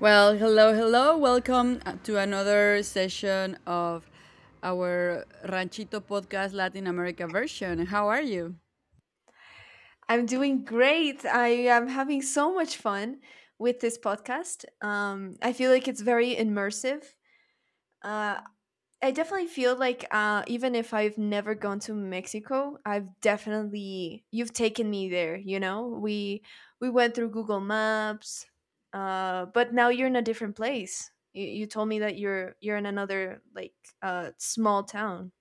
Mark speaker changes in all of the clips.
Speaker 1: Well, hello. Welcome to another session of our Ranchito podcast Latin America version. How are you?
Speaker 2: I'm doing great. I am having so much fun with this podcast. I feel like it's very immersive. Uh, I definitely feel like even if I've never gone to Mexico, I've definitely you've taken me there. You know, we went through Google Maps, but now you're in a different place. You told me that you're in another like small town.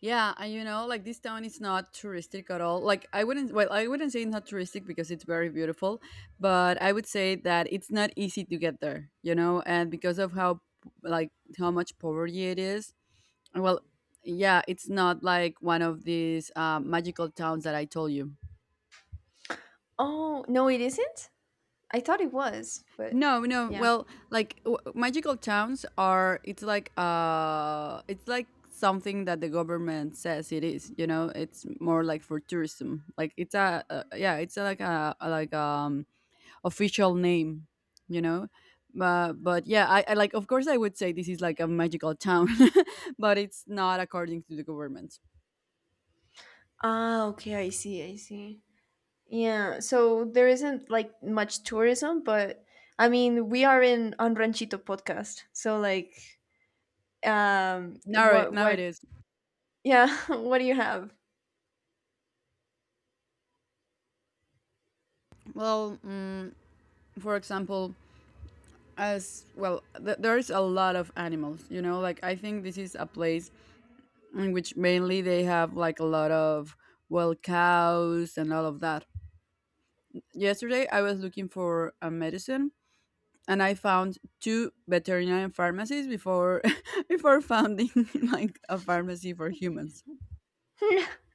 Speaker 1: Yeah, and you know, like this town is not touristic at all. Like I wouldn't I wouldn't say it's not touristic because it's very beautiful, but I would say that it's not easy to get there, you know, and because of how like how much poverty it is. Well, yeah, it's not like one of these magical towns that I told you.
Speaker 2: Oh no, it isn't. I thought it was, but
Speaker 1: No, no.
Speaker 2: yeah.
Speaker 1: Well, like magical towns are. It's like something that the government says it is. You know, it's more like for tourism. Like it's a yeah, it's a, like a, official name. You know, but yeah, I like of course I would say this is like a magical town, but it's not according to the government.
Speaker 2: Ah, okay, I see, I see. Yeah, so there isn't like much tourism, but I mean, we are in on Ranchito podcast. So like um what
Speaker 1: Now it
Speaker 2: what
Speaker 1: is.
Speaker 2: yeah, what do you have?
Speaker 1: Well, for example, as well there's a lot of animals, you know. Like, I think this is a place in which mainly they have like a lot of, well, cows and all of that. Yesterday I was looking for a medicine, and I found two veterinarian pharmacies before before founding like a pharmacy for humans.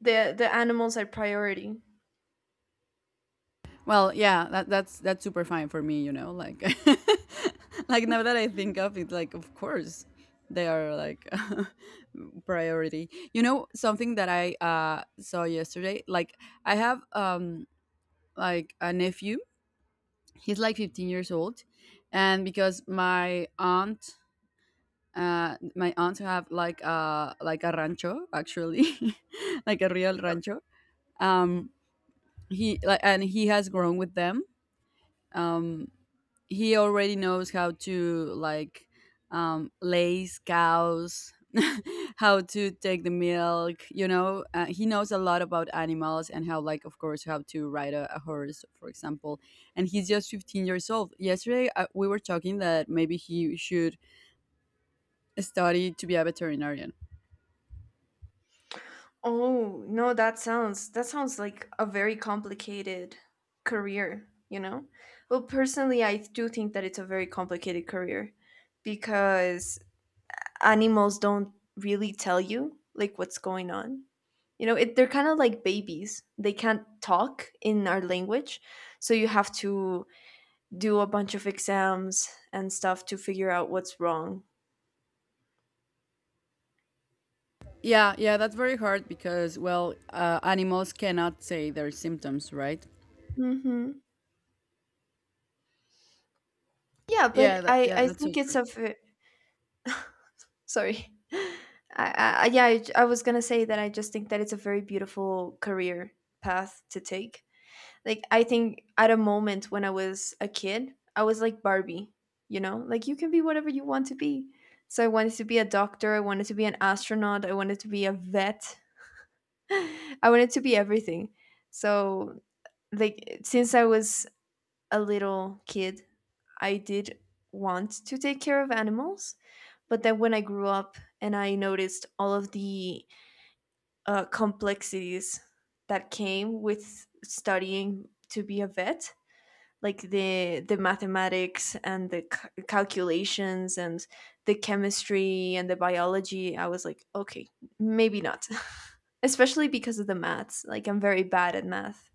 Speaker 2: The animals are priority.
Speaker 1: Well, yeah, that's super fine for me, you know. Like, like now that I think of it, like of course they are like priority. You know, something that I saw yesterday. Like, I have like a nephew. He's like 15 years old, and because my aunt. My aunts have like a rancho actually, like a real
Speaker 2: Yep.
Speaker 1: rancho. Um, he like and he has grown with them. Um, he already knows how to lace cows, how to take the milk. You know, he knows a lot about animals and how, like, of course, how to ride a horse, for example. And he's just 15 years old. Yesterday, we were talking that maybe he should study to be a veterinarian.
Speaker 2: Oh, no, that sounds like a very complicated career, you know? Well, personally, I do think that it's a very complicated career because animals don't really tell you like what's going on. You know, they're kind of like babies. They can't talk in our language, so you have to do a bunch of exams and stuff to figure out what's wrong.
Speaker 1: Yeah, that's very hard because, well, animals cannot say their symptoms, right?
Speaker 2: Hmm. Yeah,
Speaker 1: Yeah,
Speaker 2: but
Speaker 1: that,
Speaker 2: I
Speaker 1: yeah,
Speaker 2: I
Speaker 1: that's so
Speaker 2: think it's a ve- sorry. I was gonna say that I just think that it's a very beautiful career path to take. Like I think at a moment when I was a kid, I was like Barbie, you know? Like you can be whatever you want to be. So I wanted to be a doctor, I wanted to be an astronaut, I wanted to be a vet. I wanted to be everything. So like since I was a little kid, I did want to take care of animals, but then when I grew up and I noticed all of the complexities that came with studying to be a vet, like the mathematics and the calculations and the chemistry and the biology, I was like, okay, maybe not. Especially because of the maths, like I'm very bad at math.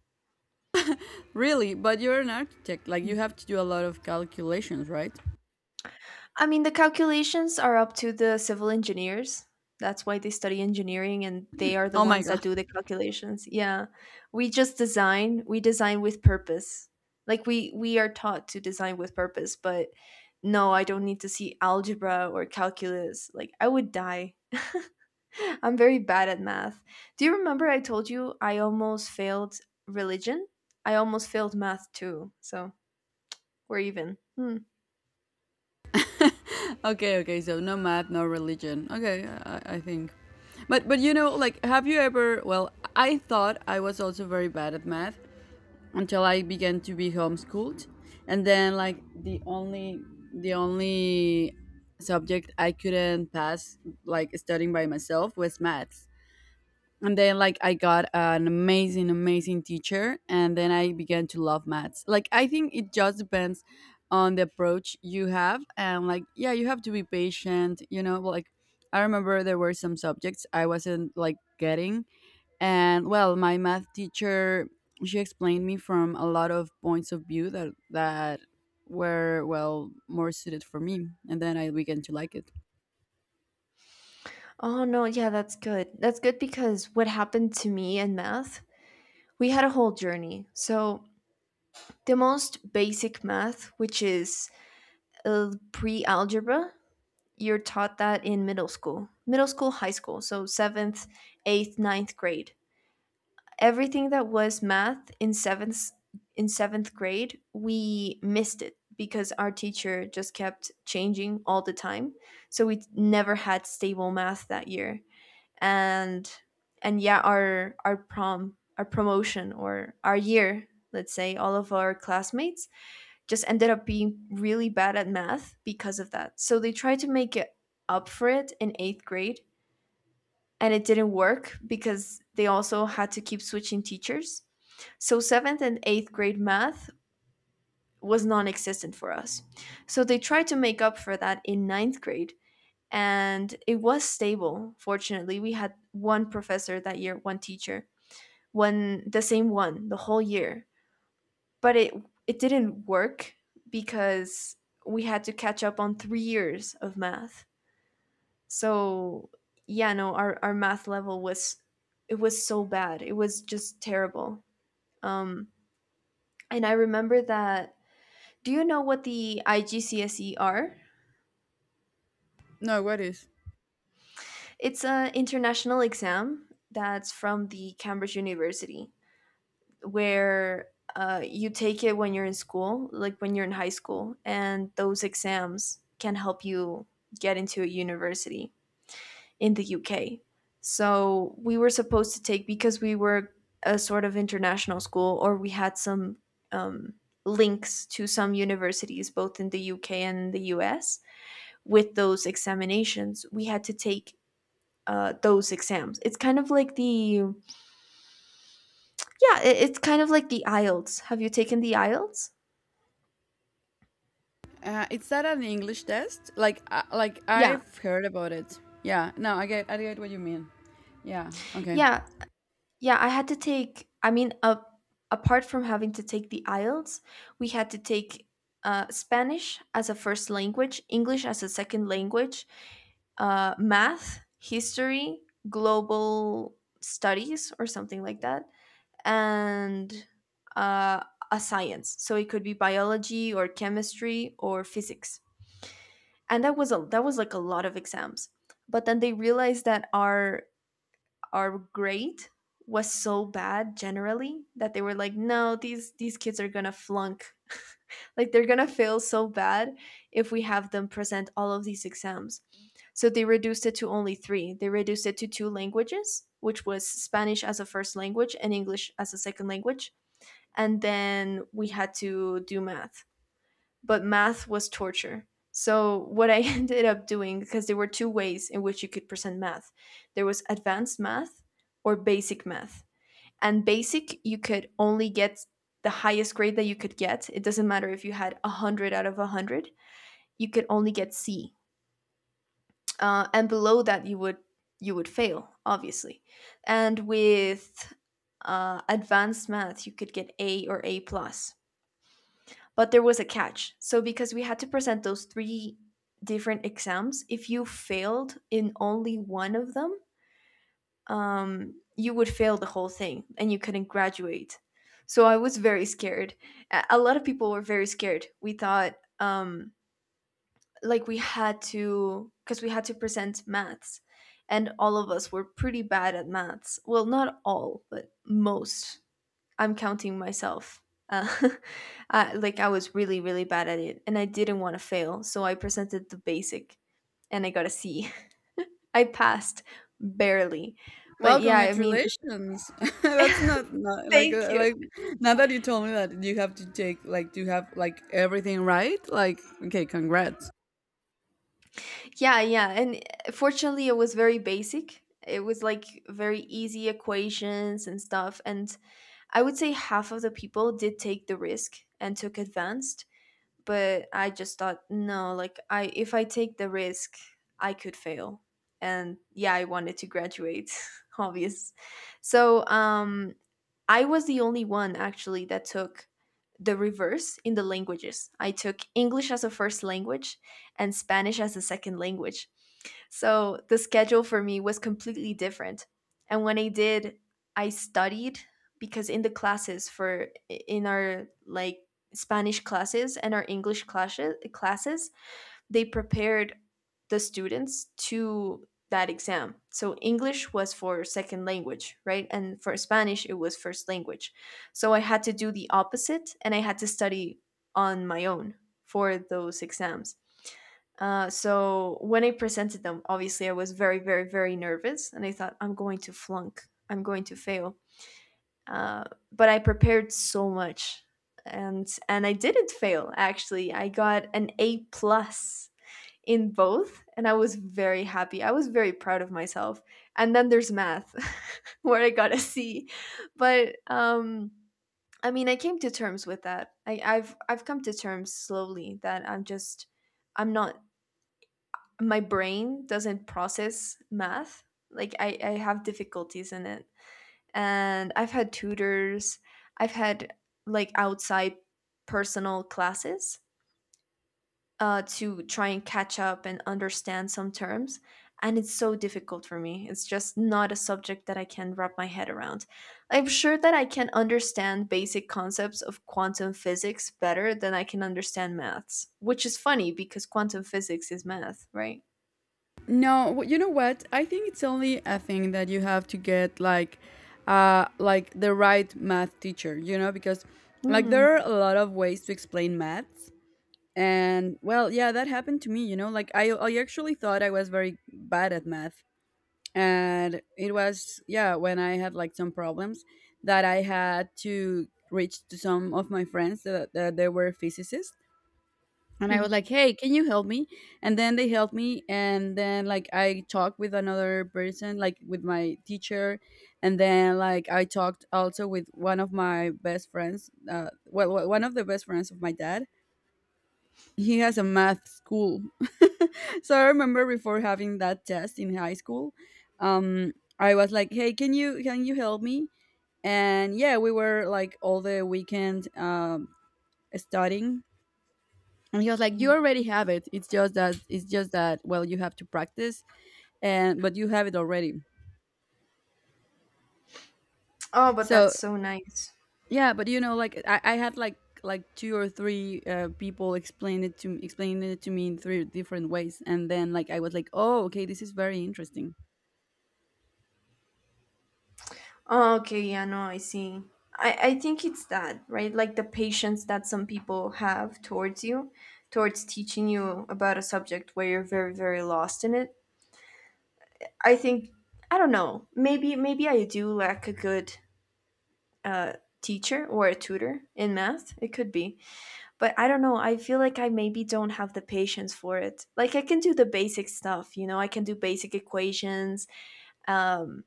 Speaker 1: Really? But you're an architect. Like, you have to do a lot of calculations, right?
Speaker 2: I mean, the calculations are up to the civil engineers. That's why they study engineering and they are the
Speaker 1: Oh my
Speaker 2: ones
Speaker 1: God.
Speaker 2: that do the calculations. Yeah. We design with purpose. Like we are taught to design with purpose, but no, I don't need to see algebra or calculus. Like I would die. I'm very bad at math. Do you remember I told you I almost failed religion? I almost failed math too. So, we're even. Hmm.
Speaker 1: Okay, okay. So, no math, no religion. Okay, I think. But you know, like, have you ever. Well, I thought I was also very bad at math until I began to be homeschooled. And then, like, the only. The only subject I couldn't pass, like studying by myself, was maths. And then, like, I got an amazing teacher, and then I began to love maths. Like, I think it just depends on the approach you have. And like, yeah, you have to be patient, you know. Like, I remember there were some subjects I wasn't like getting, and well, my math teacher, she explained me from a lot of points of view that were, well, more suited for me, and then I began to like it.
Speaker 2: Oh no, yeah, That's good because what happened to me in math, we had a whole journey. So, the most basic math, which is pre algebra, you're taught that in middle school, high school. So, seventh, eighth, ninth grade. Everything that was math in seventh grade, we missed it because our teacher just kept changing all the time. So, we never had stable math that year, and and yeah, our promotion or our year, let's say all of our classmates just ended up being really bad at math because of that. So they tried to make it up for it in eighth grade, and it didn't work because they also had to keep switching teachers. So seventh and eighth grade math was non-existent for us, so they tried to make up for that in ninth grade. And it was stable. Fortunately we had one professor that year, one teacher, one the same one the whole year. But it didn't work because we had to catch up on 3 years of math. So yeah, no, our math level was, it was so bad, it was just terrible. Um, and I remember that, do you know what the IGCSE are?
Speaker 1: No, what is?
Speaker 2: It's an international exam that's from the Cambridge University, where you take it when you're in school, like when you're in high school, and those exams can help you get into a university in the UK. So we were supposed to take, because we were a sort of international school, or we had some um, links to some universities, both in the UK and the US. With those examinations, we had to take those exams. It's kind of like the, yeah, it's kind of like the IELTS. Have you taken the IELTS?
Speaker 1: Is that an English test? Like
Speaker 2: Yeah,
Speaker 1: I've heard about it. Yeah. No, I get what you mean. Yeah. Okay.
Speaker 2: yeah, yeah. I had to take. I mean, apart from having to take the IELTS, we had to take Spanish as a first language, English as a second language, math, history, global studies, or something like that, and uh, a science. So it could be biology or chemistry or physics, and that was like a lot of exams. But then they realized that our grade was so bad generally that they were like, no, these kids are gonna flunk, like they're gonna fail so bad if we have them present all of these exams. So they reduced it to only three. They reduced it to two languages, which was Spanish as a first language and English as a second language, and then we had to do math. But math was torture. So what I ended up doing, because there were two ways in which you could present math. There was advanced math or basic math. And basic, you could only get the highest grade that you could get. It doesn't matter if you had 100 out of 100, you could only get C. And below that you would fail, obviously. And with advanced math, you could get A or A plus. But there was a catch. So because we had to present those three different exams, if you failed in only one of them, you would fail the whole thing and you couldn't graduate. So I was very scared. A lot of people were very scared. We thought, um, like we had to, because we had to present maths, and all of us were pretty bad at maths. Well, not all, but most, I'm counting myself. Uh, I, like I was really, really bad at it, and I didn't want to fail, so I presented the basic, and I got a C. I passed barely, but
Speaker 1: Well,
Speaker 2: yeah, I mean,
Speaker 1: congratulations. That's not, not like,
Speaker 2: thank you.
Speaker 1: like now that you told me that you have to take, like, do you have like everything right? Like, okay, congrats.
Speaker 2: Yeah, yeah, and fortunately, it was very basic. It was like very easy equations and stuff, and I would say half of the people did take the risk and took advanced, but I just thought, no, like I if I take the risk, I could fail. And yeah, I wanted to graduate, obvious. So I was the only one actually that took the reverse in the languages. I took English as a first language and Spanish as a second language. So the schedule for me was completely different. And when I did, I studied, because in the classes for, in our like Spanish classes and our English classes, they prepared the students to that exam. So English was for second language, right? And for Spanish, it was first language. So I had to do the opposite and I had to study on my own for those exams. So when I presented them, obviously I was very, very, very nervous and I thought, I'm going to flunk, I'm going to fail. Uh, but I prepared so much, and I didn't fail actually. I got an A plus in both and I was very happy. I was very proud of myself. And then there's math where I got a C. But I mean, I came to terms with that. I've come to terms slowly that I'm just, I'm not, my brain doesn't process math. Like I have difficulties in it. And I've had tutors, I've had like outside personal classes to try and catch up and understand some terms. And it's so difficult for me. It's just not a subject that I can wrap my head around. I'm sure that I can understand basic concepts of quantum physics better than I can understand maths, which is funny because quantum physics is math, right?
Speaker 1: No, you know what? I think it's only a thing that you have to get like the right math teacher. You know, because like
Speaker 2: Mm-hmm.
Speaker 1: there are a lot of ways to explain maths. And well, yeah, that happened to me, you know. Like, I actually thought I was very bad at math. And it was, yeah, when I had like some problems that I had to reach to some of my friends that they were physicists. And I was like, hey, can you help me? And then they helped me. And then, like, I talked with another person, like with my teacher. And then, like, I talked also with one of my best friends, well, one of the best friends of my dad. He has a math school. So I remember before having that test in high school, um, I was like, "Hey, can you help me?" And yeah, we were like all the weekend studying. And he was like,
Speaker 2: Yeah.
Speaker 1: "You already have it. It's just that, well, you have to practice, and but you have it already."
Speaker 2: Oh, but that's
Speaker 1: So
Speaker 2: so nice.
Speaker 1: yeah, but you know, like I had like two or three people explaining it to me in three different ways, and then like I was like, "Oh, okay, this is very interesting."
Speaker 2: Oh, okay, yeah, no, I see. I think it's that, right? Like the patience that some people have towards you, towards teaching you about a subject where you're very, very lost in it. I think, I don't know, maybe I do lack a good uh, teacher or a tutor in math. It could be. But I don't know, I feel like I maybe don't have the patience for it. Like I can do the basic stuff, you know, I can do basic equations, um,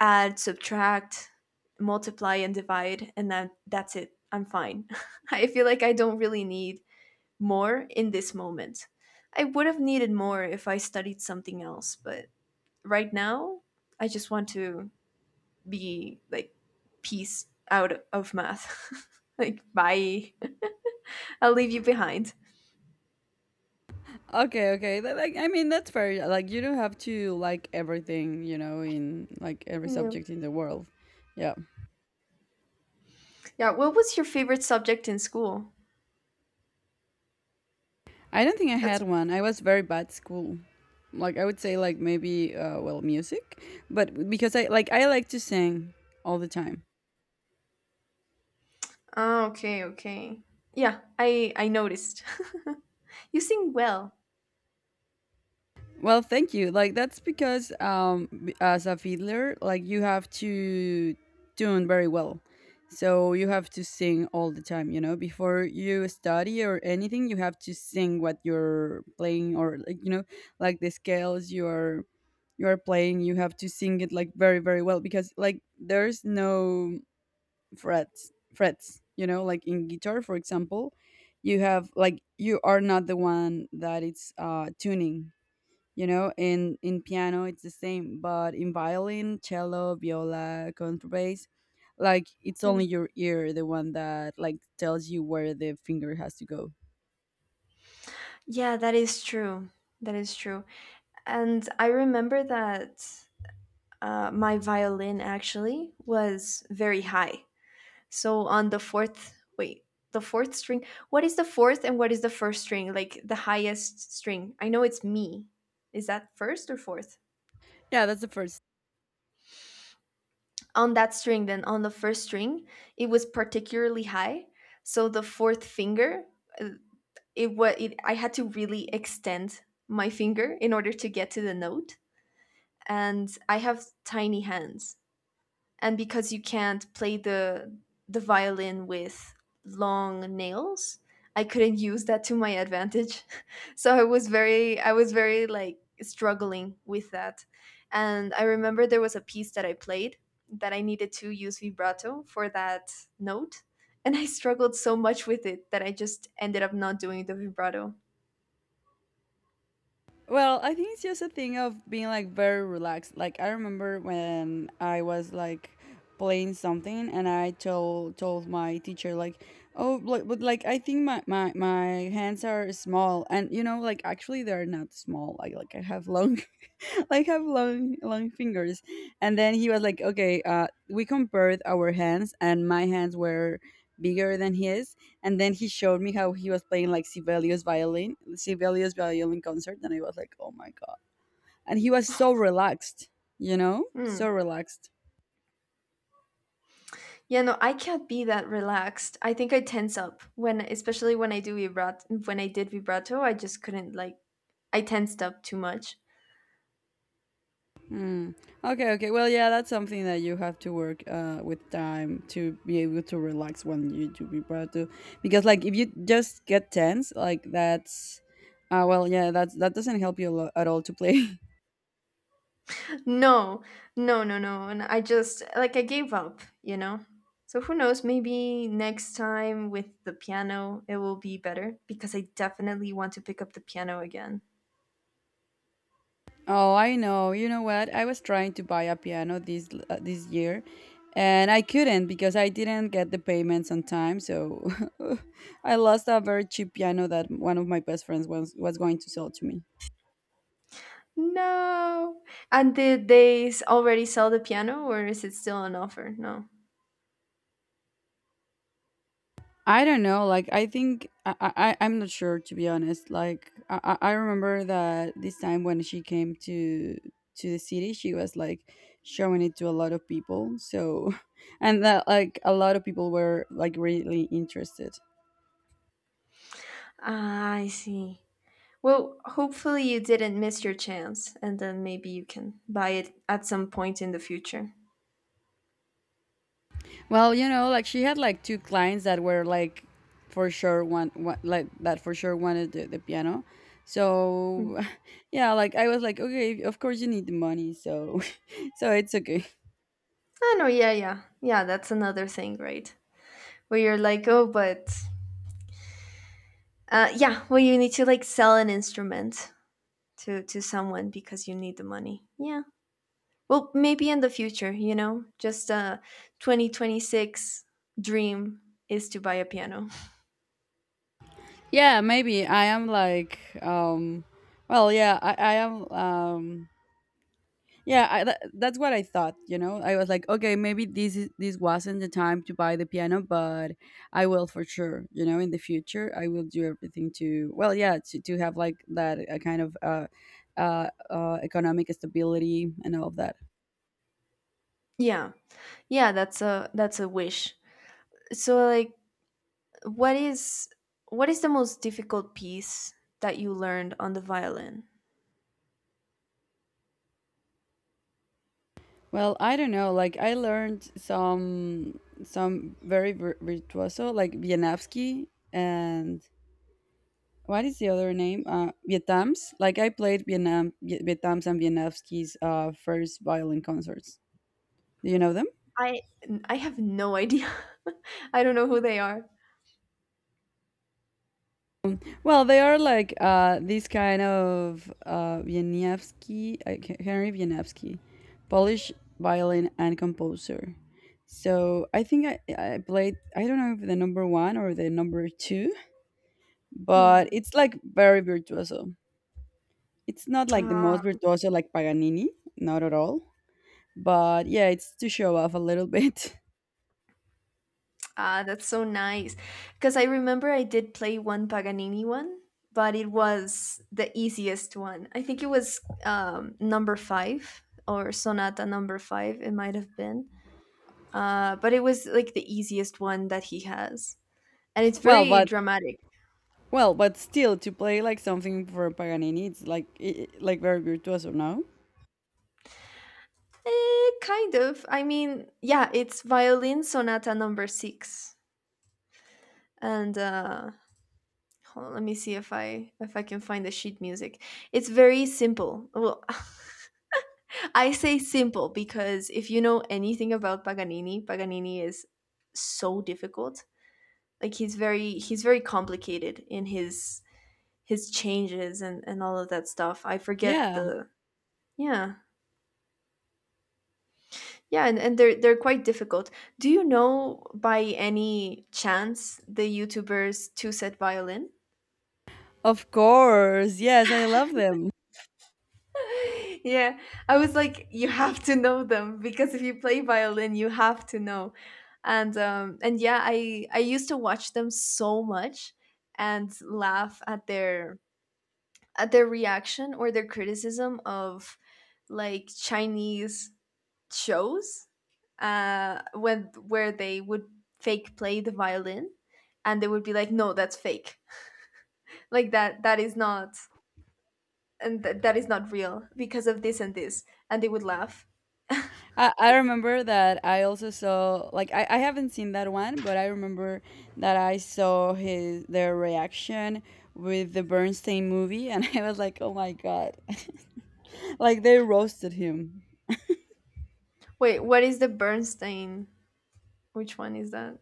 Speaker 2: add, subtract, multiply, and divide, and then that's it. I'm fine. I feel like I don't really need more in this moment. I would have needed more if I studied something else, but right now, I just want to be like peace out of math. Like, bye. I'll leave you behind.
Speaker 1: Okay, okay. That, like, I mean, that's fair. Like, you don't have to like everything, you know, in like every
Speaker 2: Yeah.
Speaker 1: subject in the world. Yeah.
Speaker 2: Yeah. What was your favorite subject in school?
Speaker 1: I don't think I
Speaker 2: That's.
Speaker 1: had one. I was very bad at school. Like, I would say, like, maybe, well, music, but because I like to sing all the time.
Speaker 2: Ah, okay, okay. Yeah, I noticed. You sing well.
Speaker 1: Well, thank you. Like, that's because as a fiddler, like you have to tune very well. So you have to sing all the time, you know. Before you study or anything, you have to sing what you're playing, or like, you know, like the scales you're playing, you have to sing it like very well, because like there's no frets, you know, like in guitar, for example, you have like you are not the one that it's tuning. You know, in piano it's the same, but in violin, cello, viola, contrabass, like it's
Speaker 2: Mm.
Speaker 1: only your ear, the one that like tells you where the finger has to go.
Speaker 2: Yeah, that is true. That is true. And I remember that my violin actually was very high. So on the fourth, wait, the fourth string. What is the fourth and what is the first string? Like the highest string. I know it's me. Is that first or fourth?
Speaker 1: Yeah, that's the first.
Speaker 2: On that string, then on the first string, it was particularly high. So the fourth finger, uh, I had to really extend my finger in order to get to the note, and I have tiny hands. And because you can't play the violin with long nails, I couldn't use that to my advantage. So I was very like struggling with that. And I remember there was a piece that I played that I needed to use vibrato for that note, and I struggled so much with it that I just ended up not doing the vibrato.
Speaker 1: Well, I think it's just a thing of being like very relaxed. Like, I remember when I was like playing something and I told my teacher like, oh like, but like I think my, my hands are small. And you know, like actually they're not small. Like I have long, like have long fingers. And then he was like, okay. We compared our hands, and my hands were bigger than his. And then he showed me how he was playing, like Sibelius violin, Sibelius violin concert, and I was like, oh my god. And he was so relaxed, you know,
Speaker 2: Mm.
Speaker 1: so relaxed.
Speaker 2: Yeah, no, I can't be that relaxed. I think I tense up when, especially when I do vibrato. When I did vibrato, I just couldn't like. I tensed up too much.
Speaker 1: Hmm. Okay, okay. Well, yeah, that's something that you have to work with time to be able to relax when you do be proud to. Because, like, if you just get tense, like, that's. Well, yeah, that's, that doesn't help you a at all to play.
Speaker 2: No, no, no, no, and I just like I gave up. You know. So who knows? Maybe next time with the piano, it will be better because I definitely want to pick up the piano again.
Speaker 1: Oh, I know. You know what? I was trying to buy a piano this this year, and I couldn't because I didn't get the payments on time. So I lost a very cheap piano that one of my best friends was going to sell to me.
Speaker 2: No. And did they already sell the piano, or is it still on offer? No.
Speaker 1: I don't know. Like, I think I, I'm not sure to be honest. Like, I remember that this time when she came to the city, she was like showing it to a lot of people. So, and that like a lot of people were like really interested.
Speaker 2: Ah, I see. Well, hopefully you didn't miss your chance, and then maybe you can buy it at some point in the future.
Speaker 1: Well, you know, like she had like two clients that were like for sure one like that for sure wanted the piano.
Speaker 2: Mm.
Speaker 1: So, yeah, like I was like, okay, of course you need the money, so so it's okay.
Speaker 2: I know, yeah, yeah, yeah. That's another thing, right? Where you're like, oh, but yeah, well, you need to like sell an instrument to someone because you need the money. Yeah. Well, maybe in the future, just a 2026 dream is to buy a piano.
Speaker 1: Yeah, maybe I am like, well, yeah, I am, yeah, I, that's what I thought. You know, I was like, okay, maybe this wasn't the time to buy the piano, but I will for sure. You know, in the future, I will do everything to, well, yeah, to have like that a kind of economic stability and all of that.
Speaker 2: Yeah, yeah. That's a wish. So like what is what is the most difficult piece that you learned on the violin?
Speaker 1: Well, I don't know. Like I learned some very virtuoso, like Wieniawski and what is the other name? Vietnams. Like I played Vietnam, Vietnams and Vietnamski's first violin concerts. Do you know them?
Speaker 2: I I have no idea. I don't know who they are.
Speaker 1: Well, they are like this kind of Wieniawski, Henry Wieniawski, Polish violin and composer. So I think I played, I don't know if the number one or the number two, but
Speaker 2: Hmm.
Speaker 1: it's like very virtuoso. It's not like the
Speaker 2: Ah,
Speaker 1: most virtuoso like Paganini, not at all. But yeah, it's to show off a little bit.
Speaker 2: ah, that's so nice. Because I remember I did play one Paganini one, but it was the easiest one. I think it was number five or sonata number five. It might have been, but it was like the easiest one that he has, and it's
Speaker 1: Well,
Speaker 2: very
Speaker 1: but
Speaker 2: dramatic.
Speaker 1: still, to play like something for Paganini, it's like like very virtuoso, no?
Speaker 2: Eh, kind of. I mean, yeah, it's Violin Sonata Number Six, and hold on, let me see if I can find the sheet music. It's very simple. Well, I say simple because if you know anything about Paganini, Paganini is so difficult. Like he's very complicated in his changes and all of that stuff. I forget
Speaker 1: Yeah,
Speaker 2: the. Yeah. Yeah, and they're quite difficult. Do you know by any chance the YouTubers Two Set Violin?
Speaker 1: of course. Yes, I love them.
Speaker 2: Yeah, I was like, you have to know them because if you play violin, you have to know. And yeah, I used to watch them so much and laugh at their reaction or their criticism of like Chinese shows, when where they would fake play the violin, and they would be like, "No, that's fake. Like that is not, and that is not real because of this and this." And they would laugh.
Speaker 1: I remember that I also saw like I haven't seen that one, but I remember that I saw his their reaction with the Bernstein movie, and I was like, oh my god, like they roasted him.
Speaker 2: Wait, what is the Bernstein? Which one is that?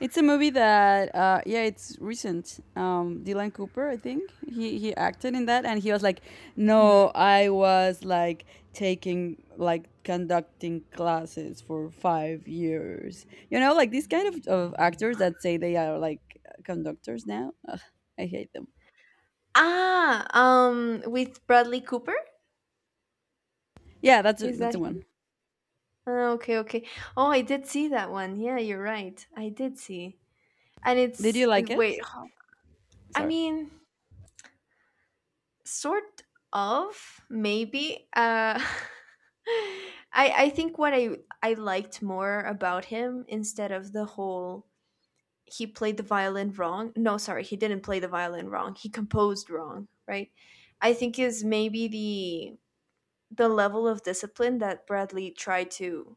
Speaker 1: It's a movie that, yeah, it's recent. Dylan Cooper, I think he acted in that, and he was like,
Speaker 2: Hmm.
Speaker 1: "No, I was like taking like conducting classes for 5 years." You know, like these kind of actors that say they are like conductors now. Ugh, I hate them.
Speaker 2: Ah, with Bradley Cooper.
Speaker 1: Yeah, that's
Speaker 2: Is
Speaker 1: that's
Speaker 2: that
Speaker 1: the
Speaker 2: him?
Speaker 1: one.
Speaker 2: Ah, okay, okay. Oh, I did see that one. Yeah, you're right. I did see. And
Speaker 1: Did
Speaker 2: it's,
Speaker 1: you like
Speaker 2: and wait.
Speaker 1: it?
Speaker 2: I
Speaker 1: Sorry.
Speaker 2: mean, sort of maybe I think what I liked more about him, instead of the whole he played the violin wrong, no, sorry, he didn't play the violin wrong, he composed wrong, right? I think, is maybe the level of discipline that Bradley tried to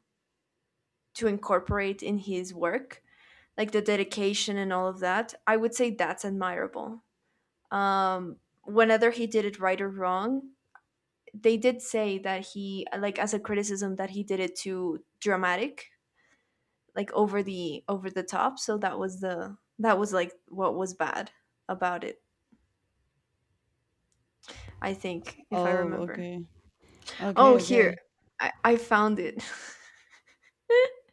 Speaker 2: incorporate in his work, like the dedication and all of that. I would say that's admirable. um Whether he did it right or wrong, they did say that he, like, as a criticism, that he did it too dramatic, like over the top. So that was like what was bad about it, I think, if I
Speaker 1: Oh,
Speaker 2: remember.
Speaker 1: okay,
Speaker 2: Oh,
Speaker 1: okay,
Speaker 2: here,
Speaker 1: okay.
Speaker 2: I found it.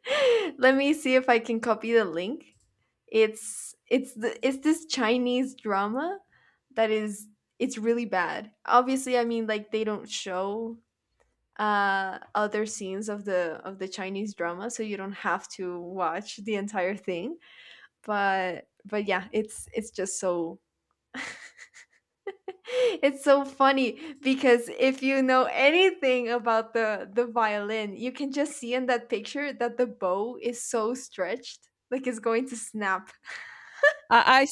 Speaker 2: Let me see if I can copy the link. It's this Chinese drama that is, it's really bad, obviously. I mean, like, they don't show other scenes of the Chinese drama, so you don't have to watch the entire thing. But yeah, it's just so it's so funny because if you know anything about the violin, you can just see in that picture that the bow is so stretched, like it's going to snap.
Speaker 1: I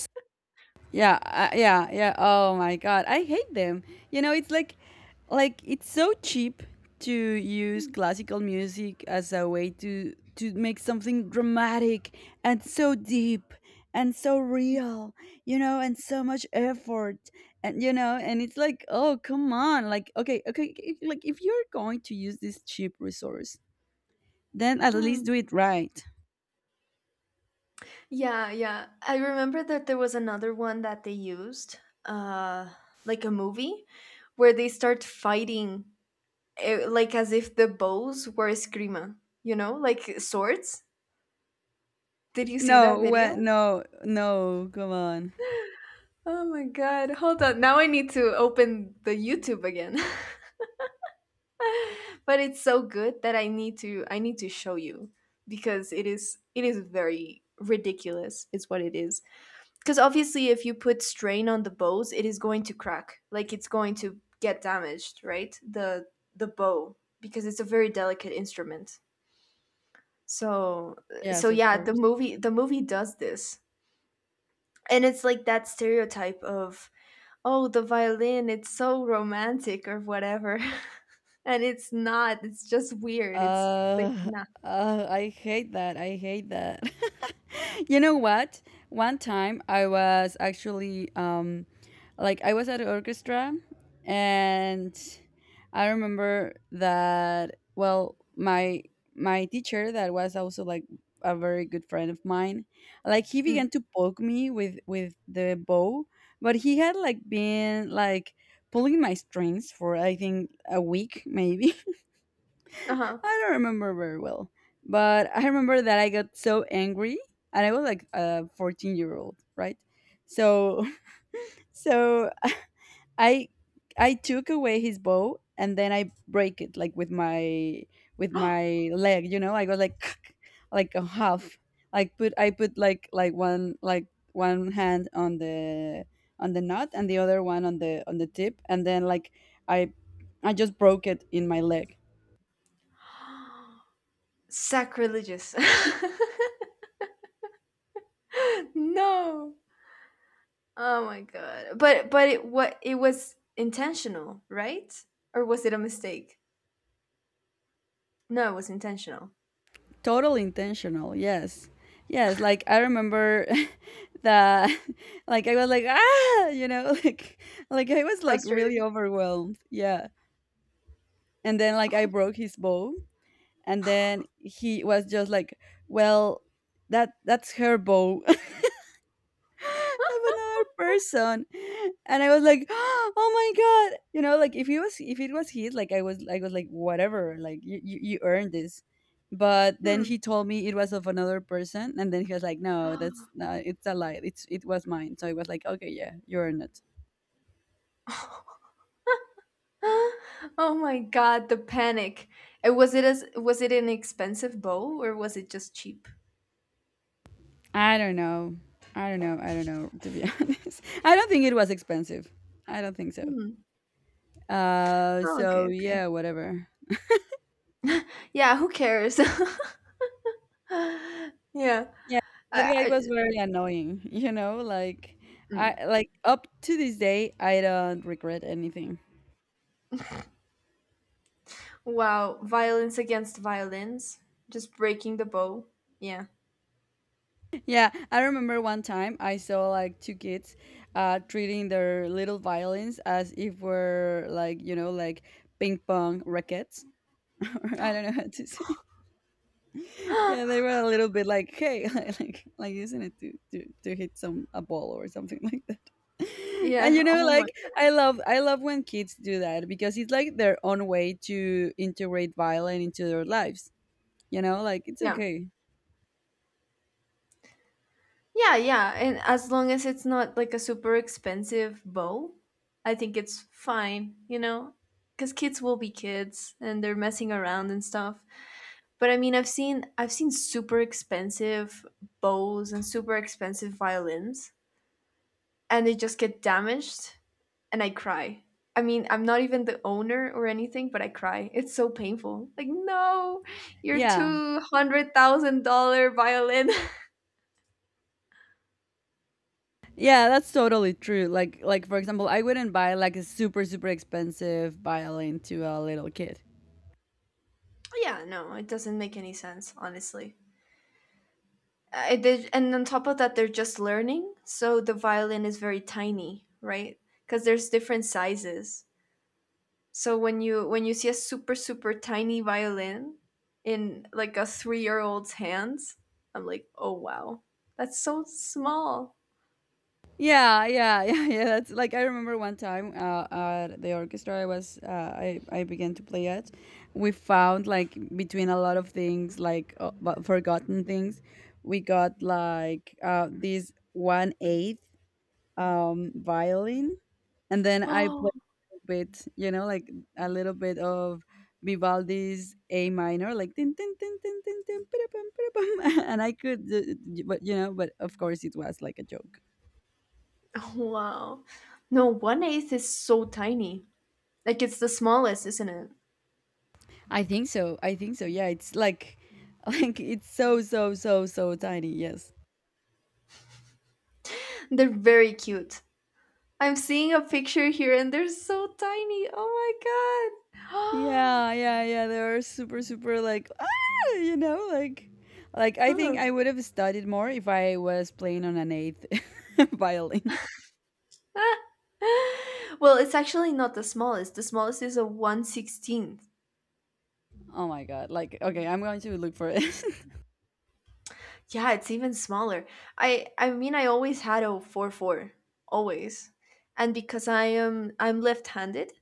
Speaker 1: Yeah, yeah, yeah. Oh my god, I hate them. You know, it's like it's so cheap to use classical music as a way to make something dramatic and so deep and so real. You know, and so much effort. And you know, and it's like, oh come on, like okay, okay, okay, like if you're going to use this cheap resource, then at least
Speaker 2: Mhm.
Speaker 1: do it right.
Speaker 2: Yeah, yeah, I remember that there was another one that they used, uh like a movie where they start fighting, like as if the bows were eskrima, like swords. Did you see
Speaker 1: No,
Speaker 2: that
Speaker 1: well,
Speaker 2: video?
Speaker 1: no, no, come on.
Speaker 2: Oh my god, hold on. Now I need to open the YouTube again. But it's so good that I need to show you because it is very ridiculous, is what it is. Cuz obviously if you put strain on the bows, it is going to crack. Like it's going to get damaged, right? The bow, because it's a very delicate instrument. So
Speaker 1: Yes, of
Speaker 2: yeah, the
Speaker 1: course.
Speaker 2: movie the movie does this. And it's like that stereotype of, oh, the violin, it's so romantic or whatever. And it's not. It's just weird. It's like
Speaker 1: Uh,
Speaker 2: nah.
Speaker 1: I hate that. I hate that. You know what? One time I was actually like I was at an orchestra, and I remember that, well, my teacher that was also like a very good friend of mine, like he
Speaker 2: Mm,
Speaker 1: began to poke me with the bow, but he had like been like pulling my strings for I think a week maybe.
Speaker 2: uh-huh.
Speaker 1: I don't remember very well, but I remember that I got so angry, and I was like a 14-year old, right? So, so I I took away his bow, and then I break it like with my leg, you know. I go like like a half, like put I put like one hand on the knot, and the other one on the tip, and then like I I just broke it in my leg.
Speaker 2: Sacrilegious. No. Oh my god. But it, what, it was intentional, right? Or was it a mistake? No, it was intentional.
Speaker 1: Totally intentional. Yes. Yes. Like I remember that like I was like, ah, you know, like I was like really
Speaker 2: Frustrated.
Speaker 1: overwhelmed. Yeah. And then like I broke his bow, and then he was just like, well, that's her bow. I'm another person. And I was like, oh my god. You know, like if it was his, like I was like, whatever, like you earned this. But then
Speaker 2: Hmm.
Speaker 1: he told me it was of another person, and then he was like, no, that's not, it's a lie. It was mine. So I was like, okay, yeah, you earned it.
Speaker 2: Oh my god, the panic. And was it an expensive bow, or was it just cheap?
Speaker 1: I don't know. I don't know. I don't know, to be honest. I don't think it was expensive. I don't think so.
Speaker 2: Hmm.
Speaker 1: Uh
Speaker 2: Oh,
Speaker 1: so
Speaker 2: okay, okay.
Speaker 1: yeah, whatever.
Speaker 2: Yeah, who cares? Yeah.
Speaker 1: Yeah, that guy was
Speaker 2: I,
Speaker 1: very annoying, you know, like,
Speaker 2: mm.
Speaker 1: I like, up to this day, I don't regret anything.
Speaker 2: Wow, violence against violence, just breaking the bow. Yeah.
Speaker 1: Yeah, I remember one time I saw like two kids treating their little violins as if were like, like ping pong rackets. I don't know how to say. Yeah, they were a little bit like, hey, like using it to hit some a ball or something like that. And
Speaker 2: Yeah.
Speaker 1: you know,
Speaker 2: Oh my
Speaker 1: like
Speaker 2: god.
Speaker 1: I love when kids do that, because it's like their own way to integrate violin into their lives. You know, like, it's
Speaker 2: Yeah.
Speaker 1: okay.
Speaker 2: Yeah, yeah. And as long as it's not like a super expensive bow, I think it's fine, you know? Because kids will be kids and they're messing around and stuff. But I mean, I've seen super expensive bows and super expensive violins, and they just get damaged, and I cry. I mean, I'm not even the owner or anything, but I cry. It's so painful. Like, no, your
Speaker 1: Yeah.
Speaker 2: $200,000 violin.
Speaker 1: Yeah, that's totally true. Like for example, I wouldn't buy like a super super expensive violin to a little kid.
Speaker 2: Yeah, no, it doesn't make any sense, honestly. I did, and on top of that, they're just learning, so the violin is very tiny, right? Because there's different sizes. So when you see a super super tiny violin in like a 3-year-old's hands, I'm like, "Oh wow. That's so small."
Speaker 1: Yeah, yeah, yeah, yeah. That's like, I remember one time at the orchestra I was I began to play at. We found like, between a lot of things like forgotten things, we got like this 1/8 violin, and then I
Speaker 2: Oh,
Speaker 1: played a bit, like a little bit of Vivaldi's A minor, like tin tin tin tin tin tin, pidapam, pidapam. And I could, but of course it was like a joke.
Speaker 2: Oh wow. No, 1/8 is so tiny. Like it's the smallest, isn't it?
Speaker 1: I think so. I think so. Yeah, it's like like it's so so so so tiny. Yes.
Speaker 2: They're very cute. I'm seeing a picture here and they're so tiny. Oh my
Speaker 1: Yeah, yeah, yeah. They are super super like you know, like like I think
Speaker 2: god.
Speaker 1: I would have studied more if I was playing on an eighth violin.
Speaker 2: Ah, well, it's actually not the smallest. The smallest is a 1/16.
Speaker 1: Oh my god. Like, okay, I'm going to look for it.
Speaker 2: Yeah, it's even smaller. I mean I always had a 4/4 always. And because I'm left-handed,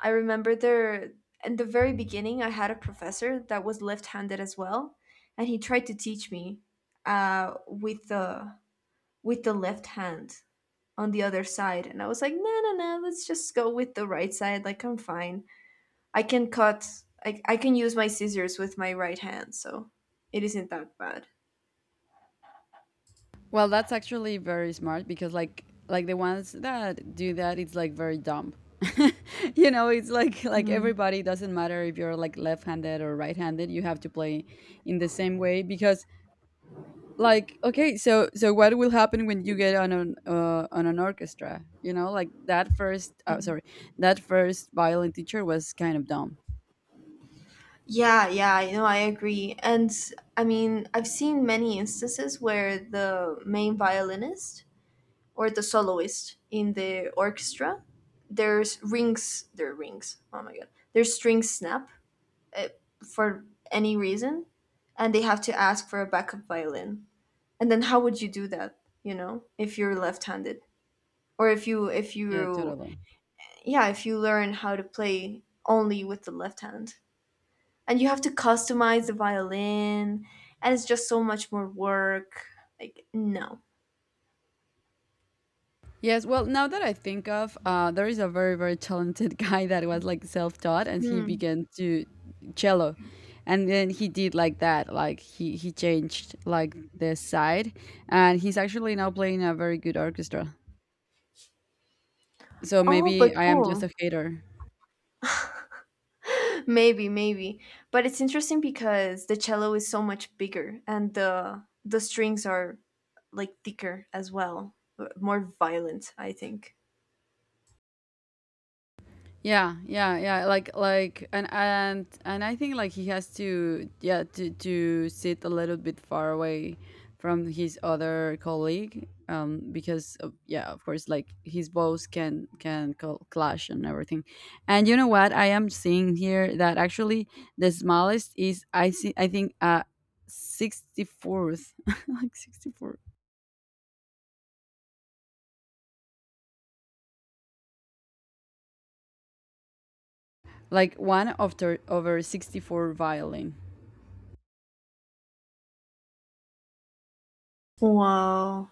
Speaker 2: I remember there in the very beginning I had a professor that was left-handed as well, and he tried to teach me with the left hand on the other side, and I was like, "No, no, no, let's just go with the right side. Like I'm fine. I can cut I can use my scissors with my right hand, so it isn't that bad."
Speaker 1: Well, that's actually very smart, because like the ones that do that, it's like very dumb. You know, it's like like
Speaker 2: Mm.
Speaker 1: everybody doesn't matter if you're like left-handed or right-handed, you have to play in the same way, because like, okay, so what will happen when you get on an on an orchestra? You know, like, that first
Speaker 2: Yeah.
Speaker 1: uh, sorry, that first violin teacher was kind of dumb.
Speaker 2: Yeah, yeah, I agree. And I mean, I've seen many instances where the main violinist or the soloist in the orchestra, there's rings, their rings. Oh my god. Their strings snap, uh, for any reason, and they have to ask for a backup violin. And then how would you do that, if you're left-handed, or if you if
Speaker 1: Yeah,
Speaker 2: you
Speaker 1: totally.
Speaker 2: yeah, if you learn how to play only with the left hand? And you have to customize the violin, and it's just so much more work, like no.
Speaker 1: Yes, well, now that I think of, there is a very, very talented guy that was like self-taught, and he
Speaker 2: Hmm.
Speaker 1: began to cello, and then he did like that, like he changed like the side, and he's actually now playing in a very good orchestra. So
Speaker 2: Oh, but
Speaker 1: maybe I am just
Speaker 2: cool.
Speaker 1: a hater.
Speaker 2: Maybe but it's interesting because the cello is so much bigger, and the strings are like thicker as well, more violent, I think.
Speaker 1: Yeah, yeah, yeah. And I think like he has to, yeah, to sit a little bit far away from his other colleague, because of, yeah, of course, like his boss can clash and everything. And you know what? I am seeing here that actually the smallest is, I see. I think 64th, like 64, like one of over 64 violin.
Speaker 2: Wow,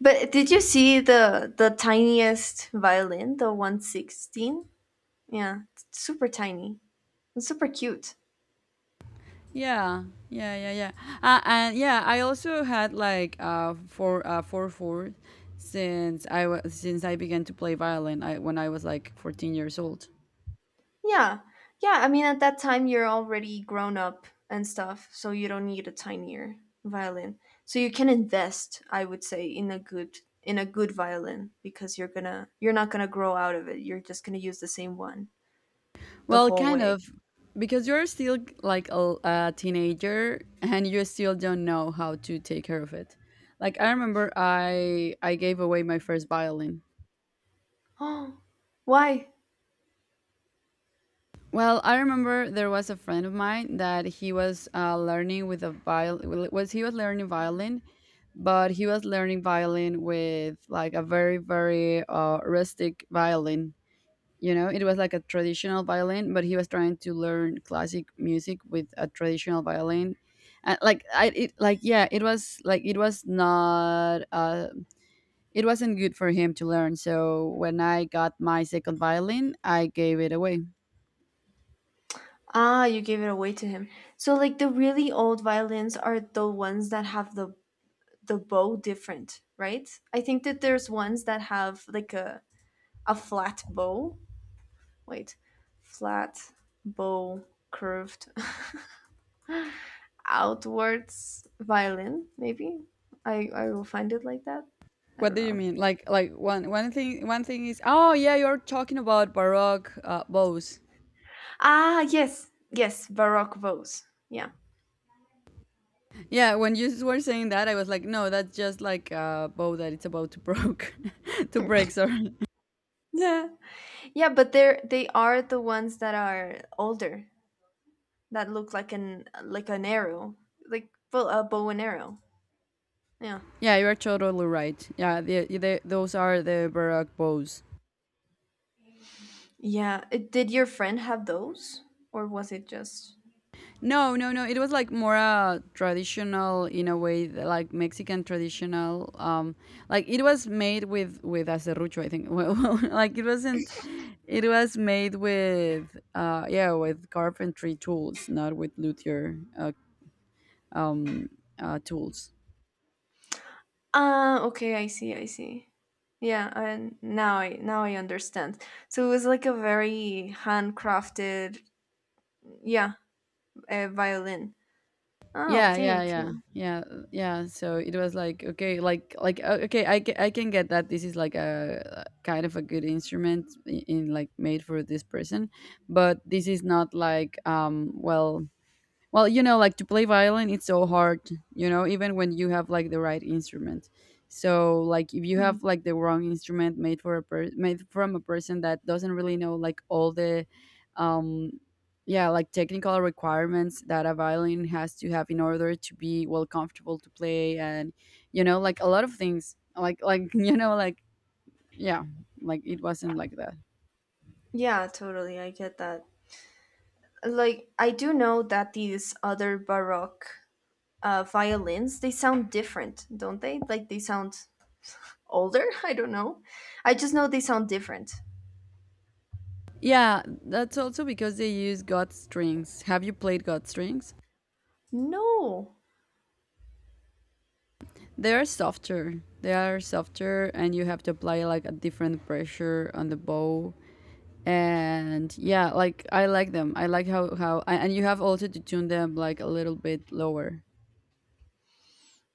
Speaker 2: but did you see the tiniest violin, the 1/16? Yeah, it's super tiny, it's super cute.
Speaker 1: Yeah, yeah, yeah, yeah. And yeah, I also had like 4/4 since I was since I began to play violin I when I was like 14 years old.
Speaker 2: Yeah. Yeah, I mean at that time you're already grown up and stuff, so you don't need a tinier violin. So you can invest, I would say, in a good violin because you're not going to grow out of it. You're just going to use the same one the
Speaker 1: Well,
Speaker 2: whole
Speaker 1: kind
Speaker 2: way.
Speaker 1: of, because you're still like a teenager and you still don't know how to take care of it. Like, I remember I gave away my first violin.
Speaker 2: Oh. Why?
Speaker 1: Well, I remember there was a friend of mine that he was learning with a violin. Was, he was learning violin, but he was learning violin with like a very very rustic violin. You know, it was like a traditional violin, but he was trying to learn classic music with a traditional violin, and like like, yeah, it was like it was not it wasn't good for him to learn. So when I got my second violin, I gave it away.
Speaker 2: Ah, you gave it away to him. So like the really old violins are the ones that have the bow different, right? I think that there's ones that have like a flat bow. Wait. Flat, bow, curved, outwards violin, maybe? I will find it like that. I
Speaker 1: What
Speaker 2: don't
Speaker 1: do you
Speaker 2: know.
Speaker 1: mean, like like one thing is, oh yeah, you're talking about baroque bows.
Speaker 2: Ah, yes, yes, Baroque vows. Yeah.
Speaker 1: Yeah, when you were saying that, I was like, no, that's just like a bow that it's about to broke, to break. Sorry.
Speaker 2: Yeah. Yeah, but they are the ones that are older, that look like an arrow, like a bow and arrow. Yeah.
Speaker 1: Yeah, you are totally right. Yeah, those are the baroque bows.
Speaker 2: Yeah. Did your friend have those, or was it just?
Speaker 1: No, no, no. It was like more traditional in a way, like Mexican traditional. Like, it was made with acerrucho, I think. Well, like, it wasn't. It was made with carpentry tools, not with luthier um, tools.
Speaker 2: Ah, okay, I see, I see. Yeah, and now I understand. So it was like a very handcrafted, yeah, a violin. Oh,
Speaker 1: Yeah,
Speaker 2: okay,
Speaker 1: yeah,
Speaker 2: okay.
Speaker 1: yeah, yeah, yeah. So it was like, okay, like okay, I can get that this is like a kind of a good instrument in like, made for this person, but this is not like well, like, to play violin, it's so hard, even when you have like the right instrument. So, like, if you have
Speaker 2: Mm.
Speaker 1: like the wrong instrument made for made from a person that doesn't really know like all the, um, yeah, like, technical requirements that a violin has to have in order to be well comfortable to play, and like a lot of things, like like, yeah, like it wasn't like that.
Speaker 2: Yeah, totally, I get that. Like I do know that these other baroque, violins, they sound different, don't they? Like they sound older. I don't know. I just know they sound different.
Speaker 1: Yeah, that's also because they use God strings. Have you played God strings?
Speaker 2: No.
Speaker 1: They are softer. They are softer, and you have to apply like a different pressure on the bow. And yeah, like I like them. I like and you have also to tune them like a little bit lower.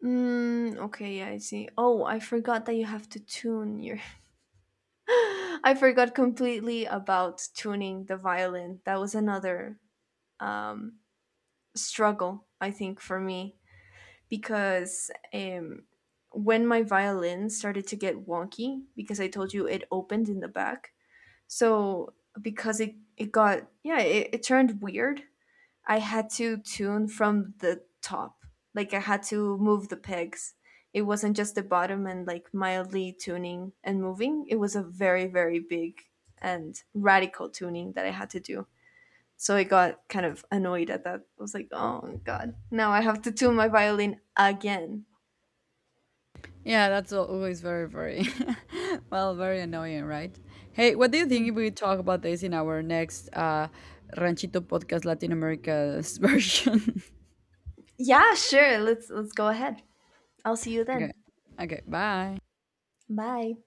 Speaker 2: Mm, okay, yeah, I see. Oh, I forgot that you have to tune your I forgot completely about tuning the violin. That was another um, struggle, I think, for me, because when my violin started to get wonky, because I told you it opened in the back, so because it got, yeah, it turned weird. I had to tune from the top. Like I had to move the pegs. It wasn't just the bottom and like mildly tuning and moving. It was a very, very big and radical tuning that I had to do. So I got kind of annoyed at that. I was like, oh god, now I have to tune my violin again.
Speaker 1: Yeah, that's always very very well, very annoying, right? Hey, what do you think if we talk about this in our next Ranchito Podcast Latin America's version?
Speaker 2: Yeah, sure. Let's go ahead. I'll see you
Speaker 1: Okay,
Speaker 2: then.
Speaker 1: okay, bye.
Speaker 2: Bye.